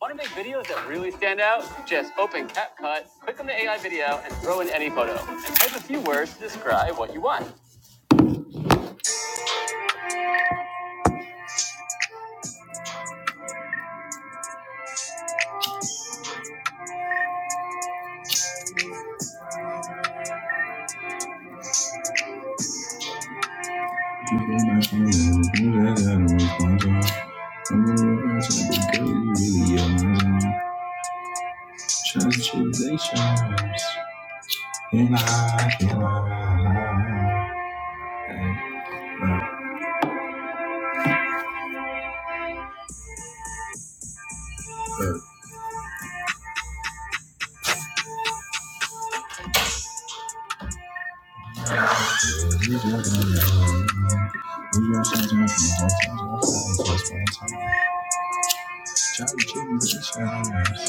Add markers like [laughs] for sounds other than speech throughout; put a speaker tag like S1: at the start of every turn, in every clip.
S1: Want to make videos that really stand out? Just open CapCut, click on the AI video, and throw in any photo, and type a few words to describe what you want. [laughs]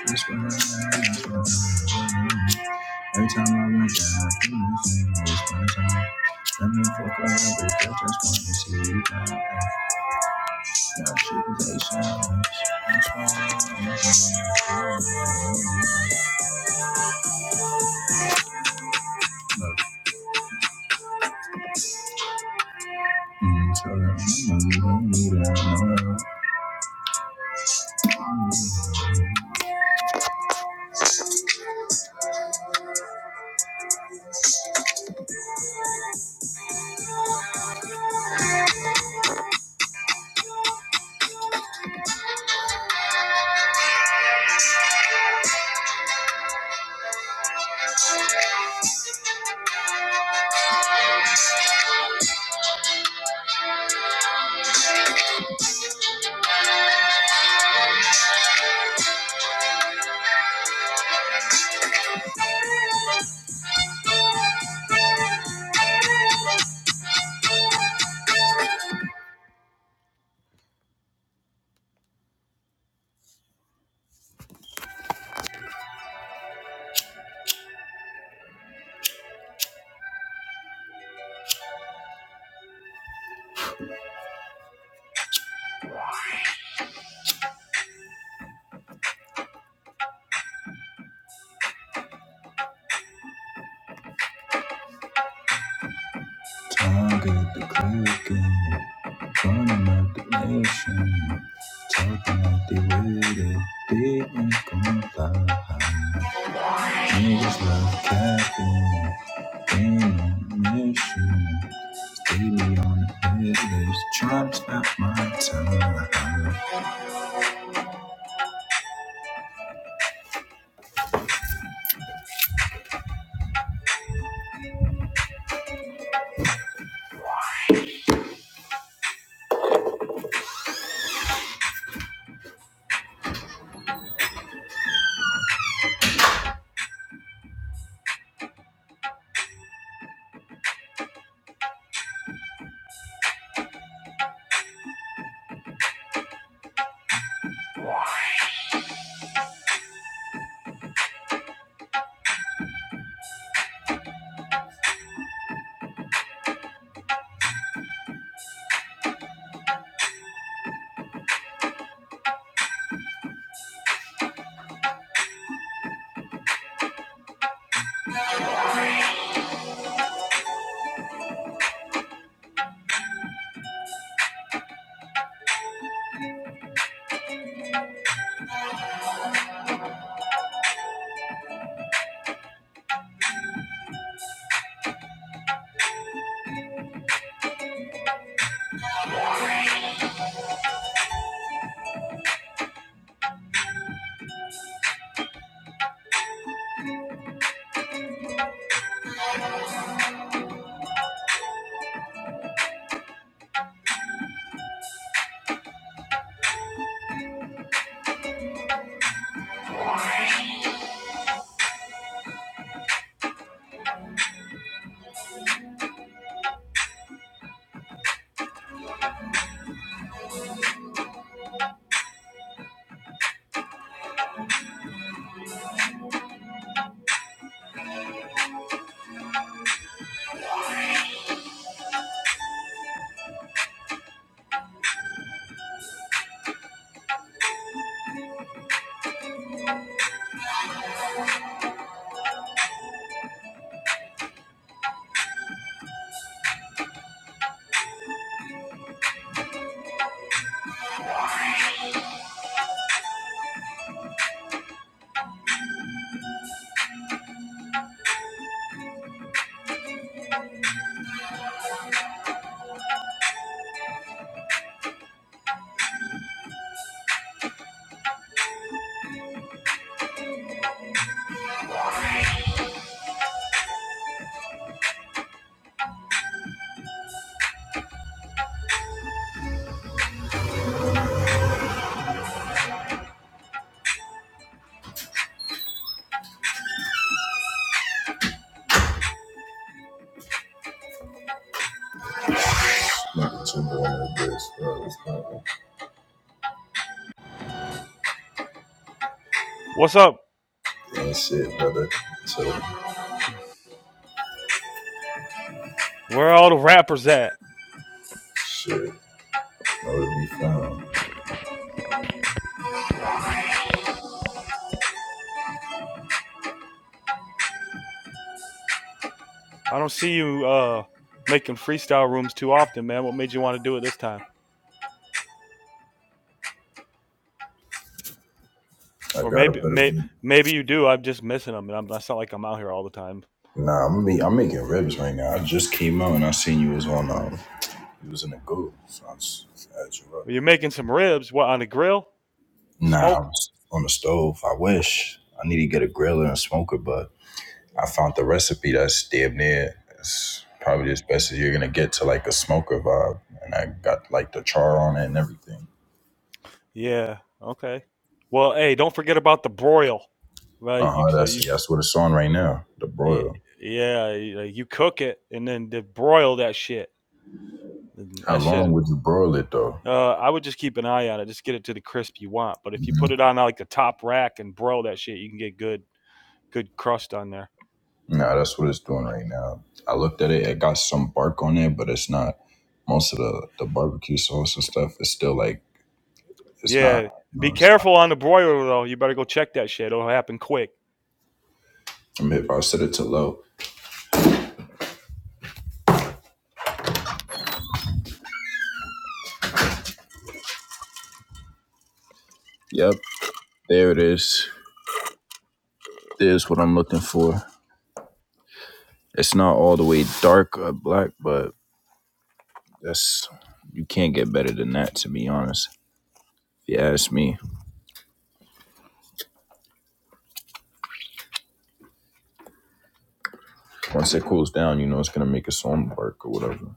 S1: It's been a while, it's been a while. Every time I went down, you missed me, it's my time. Let me fuck up, bitch, I just want to see you down. Now shit is a challenge. That's why I'm not Look, mm, so that I'm not to need that much. Target the clicking, burning up the nation. Talking like they with it, they ain't gon' lie. Niggas love capping. Ain't no mission. Stay me on the business. Trying to not my time. Knocking two more on the bro. It's not
S2: What's up?
S1: ain't shit, brother. So,
S2: Where are all the rappers at?
S1: shit. Know to be found.
S2: I don't see you uh making freestyle rooms too often, man. What made you want to do it this time?
S1: I
S2: Or
S1: got a
S2: maybe
S1: better
S2: may,
S1: beat.
S2: maybe you do. I'm just missing them, and I'm, it's not like I'm out here all the time.
S1: Nah, I'm be, I'm making ribs right now. I just came out and I seen you was on um you was in the goo, so I just had you up.
S2: you're making some ribs. What on the grill?
S1: Nah, I
S2: Smoke?
S1: was on the stove. I wish I need to get a griller and a smoker, but I found the recipe that's damn near it's probably as best as you're gonna get to like a smoker vibe. And I got like the char on it and everything.
S2: Yeah. Okay. Well, hey, don't forget about the broil, right?
S1: Uh
S2: You
S1: huh.
S2: so
S1: That's
S2: you could
S1: that's what it's on right now. The
S2: yeah
S1: broil.
S2: yeah you you cook it and then the broil that shit.
S1: How
S2: That
S1: long
S2: shit.
S1: would you broil it though?
S2: Uh, I would just keep an eye on it. Just get it to the crisp you want. But if you put
S1: hmm
S2: it on like the top rack and broil that shit, you can get good, good crust on there.
S1: No, that's what it's doing right now. I looked at it. It got some bark on it, but it's not. Most of the the barbecue sauce and stuff is still like it's not.
S2: Yeah. Be
S1: No, it's not.
S2: careful on the broiler though. You better go check that shit. It'll happen quick.
S1: I mean, if I set it to low. Yep. There it is. There's what I'm looking for. It's not all the way dark or black, but that's you can't get better than that, to be honest. If you ask me, once it cools down, you know it's gonna make a song work or whatever.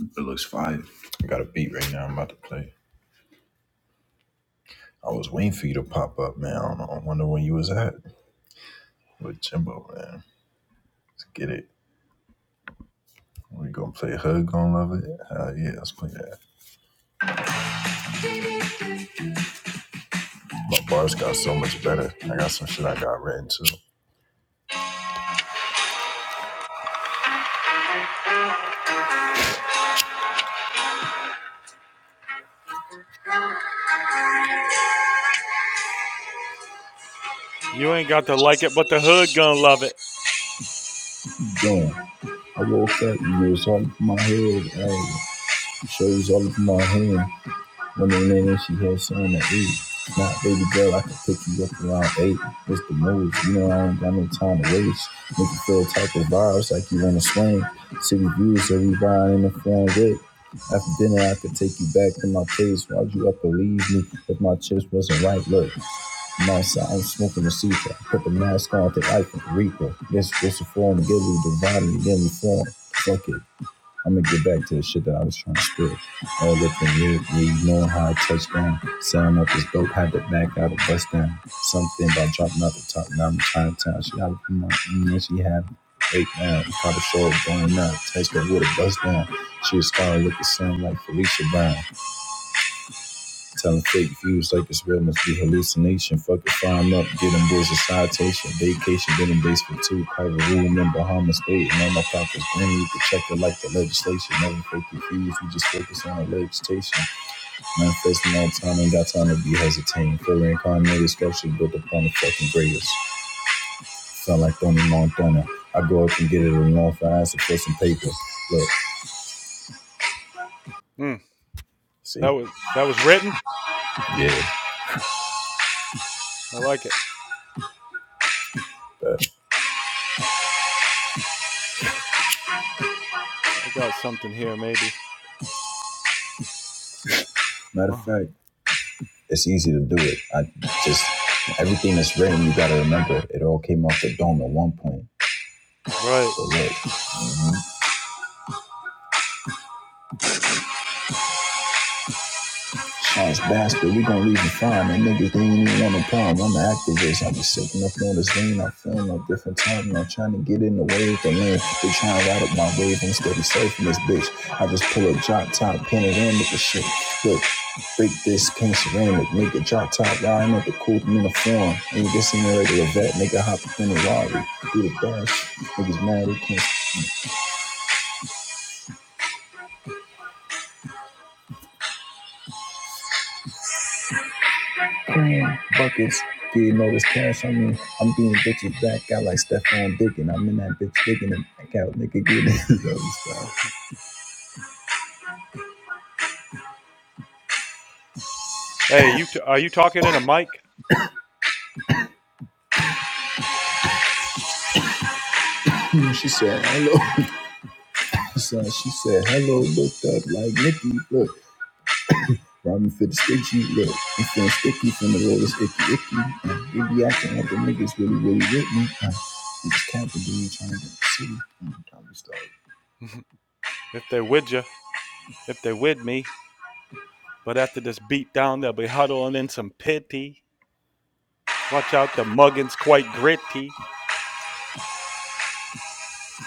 S1: It looks fire. I got a beat right now. I'm about to play. I was waiting for you to pop up, man. I, don't know. I wonder when you was at with Jimbo, man. Let's get it. We gonna play Hug Gonna Love It? Hell yeah, let's play that. My bars got so much better. I got some shit I got written too.
S2: You ain't got to like it, but the hood gonna love it.
S1: Damn, I woke up and it was all up in my head. Hey, shows all up in my hand. Women in there, she had someone that eight. Not baby girl, I can pick you up around eight. It's the move. You know I ain't got no time to waste. Make you feel type of vibes like you wanna swing. City views that we buying in the front whip. After dinner, I could take you back to my place. Why'd you up and leave me if my chips wasn't right? Look, I'm outside, I'm smoking a cigar. I Put the mask on, I think I can reaper. This, this is a form, give me the body, give me form. Fuck it. I'm gonna get back to the shit that I was trying to spit. All up in you, you know how I touched down. Sound up is dope, had to back out a bust down. Something about dropping out the top, now I'm trying to town. She got to come on, and she had Eight down, caught a show going out, touched her with a bust down. She was starting with the sun like Felicia Brown. Telling fake views like it's real must be hallucination. Fuck it, fine up, get them boys a citation. Vacation, been in base for two. Private room in Bahamas State. And on my pocket's green, you can check it like the legislation. Never fake confused, we just focus on the legislation. Manifesting all time, ain't got time to be hesitating. For reincarnated structure built upon the fucking greatest. Sound like Tony Montana. I go up and get it alone for answer for some paper. Look,
S2: Mm, that
S1: see?
S2: was that was written.
S1: Yeah.
S2: I like it.
S1: But
S2: I got something here, maybe.
S1: matter of
S2: Oh,
S1: fact, it's easy to do it. I just everything that's written, you got to remember. It all came off the dome at one point.
S2: right.
S1: So look. Ass bastard, we gonna leave him fine. Them niggas, they ain't even want no problem. I'm an activist. I'm just sitting up on this lane. I'm feeling a different type. and I'm trying to get in the wave. The lane, they trying to ride up my wave instead of surfing this bitch. I just pull a drop top, pin it in with the shit. Look, break this king ceramic. Nigga, drop top, riding up the cool uniform. Ain't this in the regular vet. Nigga, hop up in the lorry. Do the dash. Niggas mad, they can't playing buckets, getting all this cash on me. I'm being bitches back out like Stephon Diggin. I'm in that bitch digging and back out, nigga, getting his other side.
S2: Hey, you t- are you talking in a mic?
S1: [laughs] She said, hello, [laughs] son. She said, hello, looked up like Nikki, look. Robin for the sticky, look. I'm feeling sticky from the roll It's icky, icky. Uh, they be acting like the niggas really, really with me. Uh, I'm just capping, dude, trying to get the city. Mm, i
S2: [laughs] if they would you, if they would me. But after this beat down, they'll be huddling in some pity. Watch out, the muggin's quite gritty.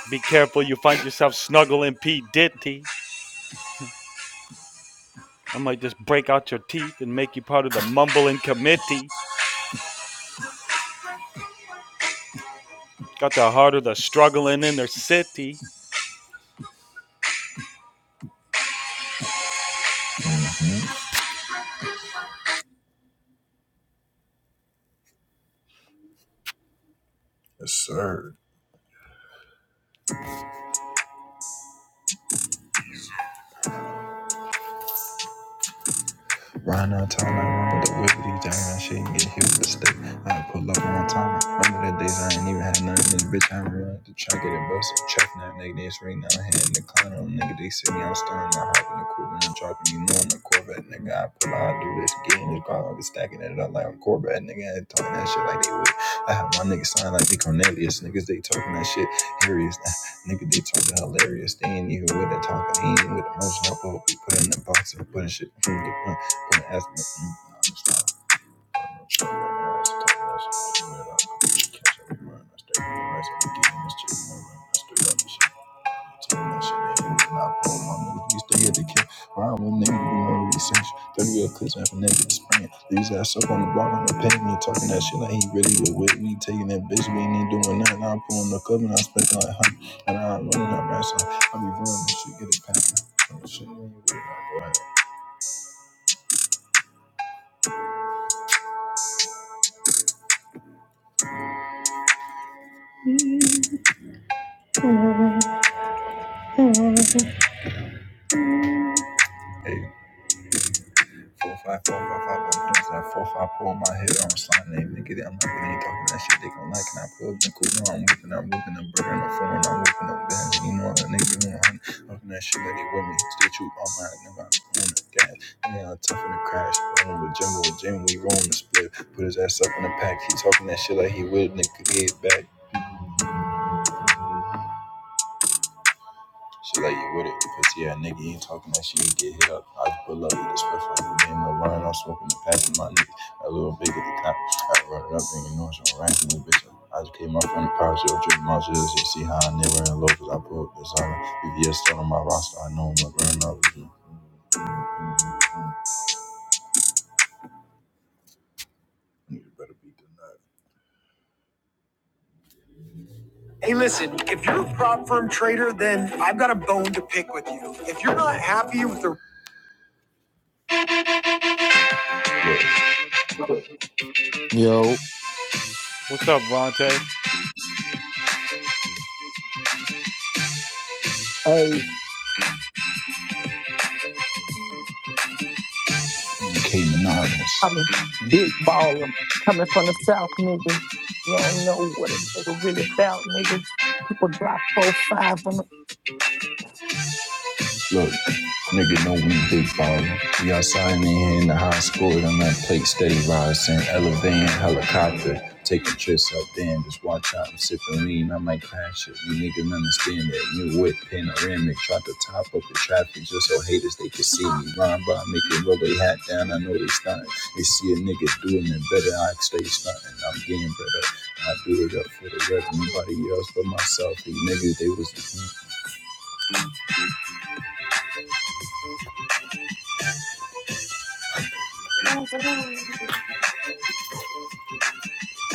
S2: Be careful you find yourself snuggling P. Ditty. [laughs] I might just break out your teeth and make you part of the mumbling committee. Got the heart of the struggling inner city.
S1: yes, sir. Round on time, I remember the whippity time. Shit, and get hit with a stick. I pull up on time. Remember the days I ain't even had nothing. This bitch, I am remember the track of the bus. Check now, nigga, this ring now. Hand in the car, on nigga, they see me. I'm stunning. I hop in the coupe and I'm dropping. You know, i the Corvette, nigga. I pull out, I do this again. This car, I be stacking it up like I'm Corvette, nigga. I talking that shit like they would. I have my niggas sign like they Cornelius. Niggas, they talking that shit. hilarious, [laughs] Nigga, they talking hilarious. They ain't even with the talking. He ain't even with the motion. I put, we put in the box and putting shit. from the Gonna ask me- mm, no, I'm just I'm not sure what I asked. I asked catch up with mine. I stayed with the rest of the game, this chick, my I stood up and shit. Told me that shit, they ain't not pro, my nigga, we stay at the camp. Ryan with niggas, we know we essential. 30 real clips, man, for niggas to Leaves ass up on the block on the pavement, talking that shit like he really was with me. Taking that bitch, we ain't even doing nothing. I'm pulling the cup and I'm spending like hundred. And I'm running that rap I be running this shit, get it packed. Oh, shit, man, you really not go ahead. Hey, four five four five five five five five four five four. My head on slime name, nigga. That nigga ain't talking that shit. They gon' like and I pull been cool. Now I'm whipping, I'm whipping, I'm burning, I'm foreign, I'm whipping up bands. You know that nigga who hunt, talking that shit let it with me. Stay true, all my never I'm on the gas. Yeah, I'm tough in the crash. Rolling with Jimbo, Jim, we rolling the split. Put his ass up in the pack. He talking that shit like he will, nigga. Get back. She like you with it, pussy yeah, nigga. You ain't talking that shit, you get hit up. I just pull up, eat this pussy. You ain't no line, I'm smoking the pack with my niggas. A little big at the top. I run it up, and you know it's on rank this bitch. up. I just came up from the power show, drink my shit. You see how I never in low, cause I pull up this on BBS still on my roster, I know I'm not running out with you. You better beat the Hey, listen, if you're a prop firm trader, then I've got a bone to pick with you. If you're not happy with the. Look,
S3: Yo,
S2: What's up, Vontae?
S1: you came anonymous.
S3: I'm a big baller coming from the South, nigga. You don't know what a nigga really about, nigga. People drop four, five on the.
S1: Look, nigga, know we big ballin'. We outside and here in the high school, and that plate steady rising. Elevating helicopter, taking trips up there and just watch out. and am sipping lean. I'm like, that shit, you niggas understand that. New whip, panoramic, try to top up the traffic just so haters they can see me. Rhyme by, making it roll they hat down. I know they stuntin'. They see a nigga doing it better, I stay stuntin'. I'm getting better. I do it up for the rev, nobody else but myself. These niggas, they was the
S3: [laughs]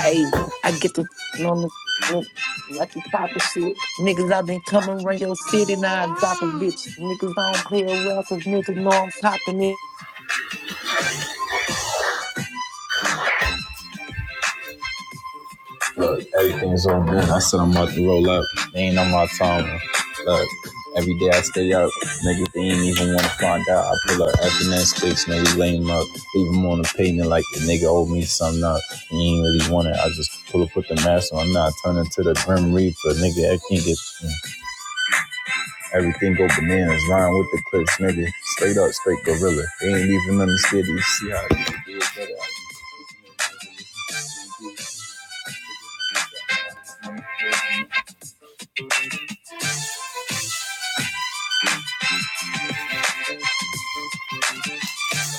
S3: Hey, I get to on the on the- like the type of shit. Niggas, i been coming around your city now and dropping bitch. Niggas don't play around, cause niggas know I'm popping it.
S1: Look, everything's all good. I said I'm about to roll up. They ain't on my time. Look, every day I stay up. Niggas, they ain't even want to find out. I pull up after that sticks, niggas lame up. Leave them on the pavement like the nigga owed me something up. He ain't really want it. I just pull up put the mask on. I'm not turning to the Grim Reaper. Nigga, I can't get everything go bananas. Rhyme with the clips, nigga. Straight up, straight gorilla. They ain't even understand. You see how I can do it better.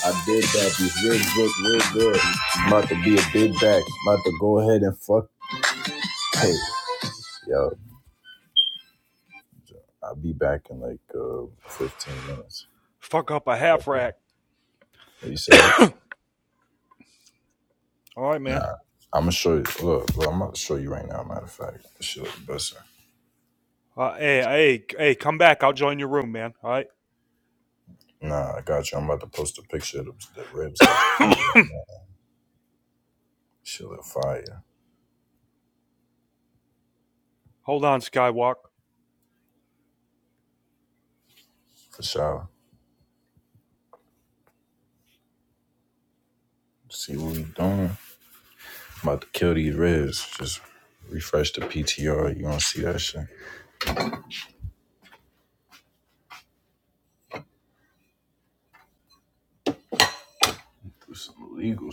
S1: I did that. These real good, real good. I'm about to be a big back. I'm about to go ahead and fuck. Hey, yo, I'll be back in like uh, 15 minutes.
S2: Fuck up a half rack.
S1: What you said?
S2: All right, man.
S1: Nah, I'm gonna show you. Look, look, I'm about to show you right now. Matter of fact, this shit look busting.
S2: Uh, hey, hey, hey, come back. I'll join your room, man. All right.
S1: Nah, I got you. I'm about to post a picture of the, the ribs I just
S2: [coughs]
S1: made right now. Shit look fire
S2: Hold on, Skywalk.
S1: for sure. See what we doing. I'm about to kill these ribs. Just refresh the PTR. You gonna see that shit? Do some illegal shit.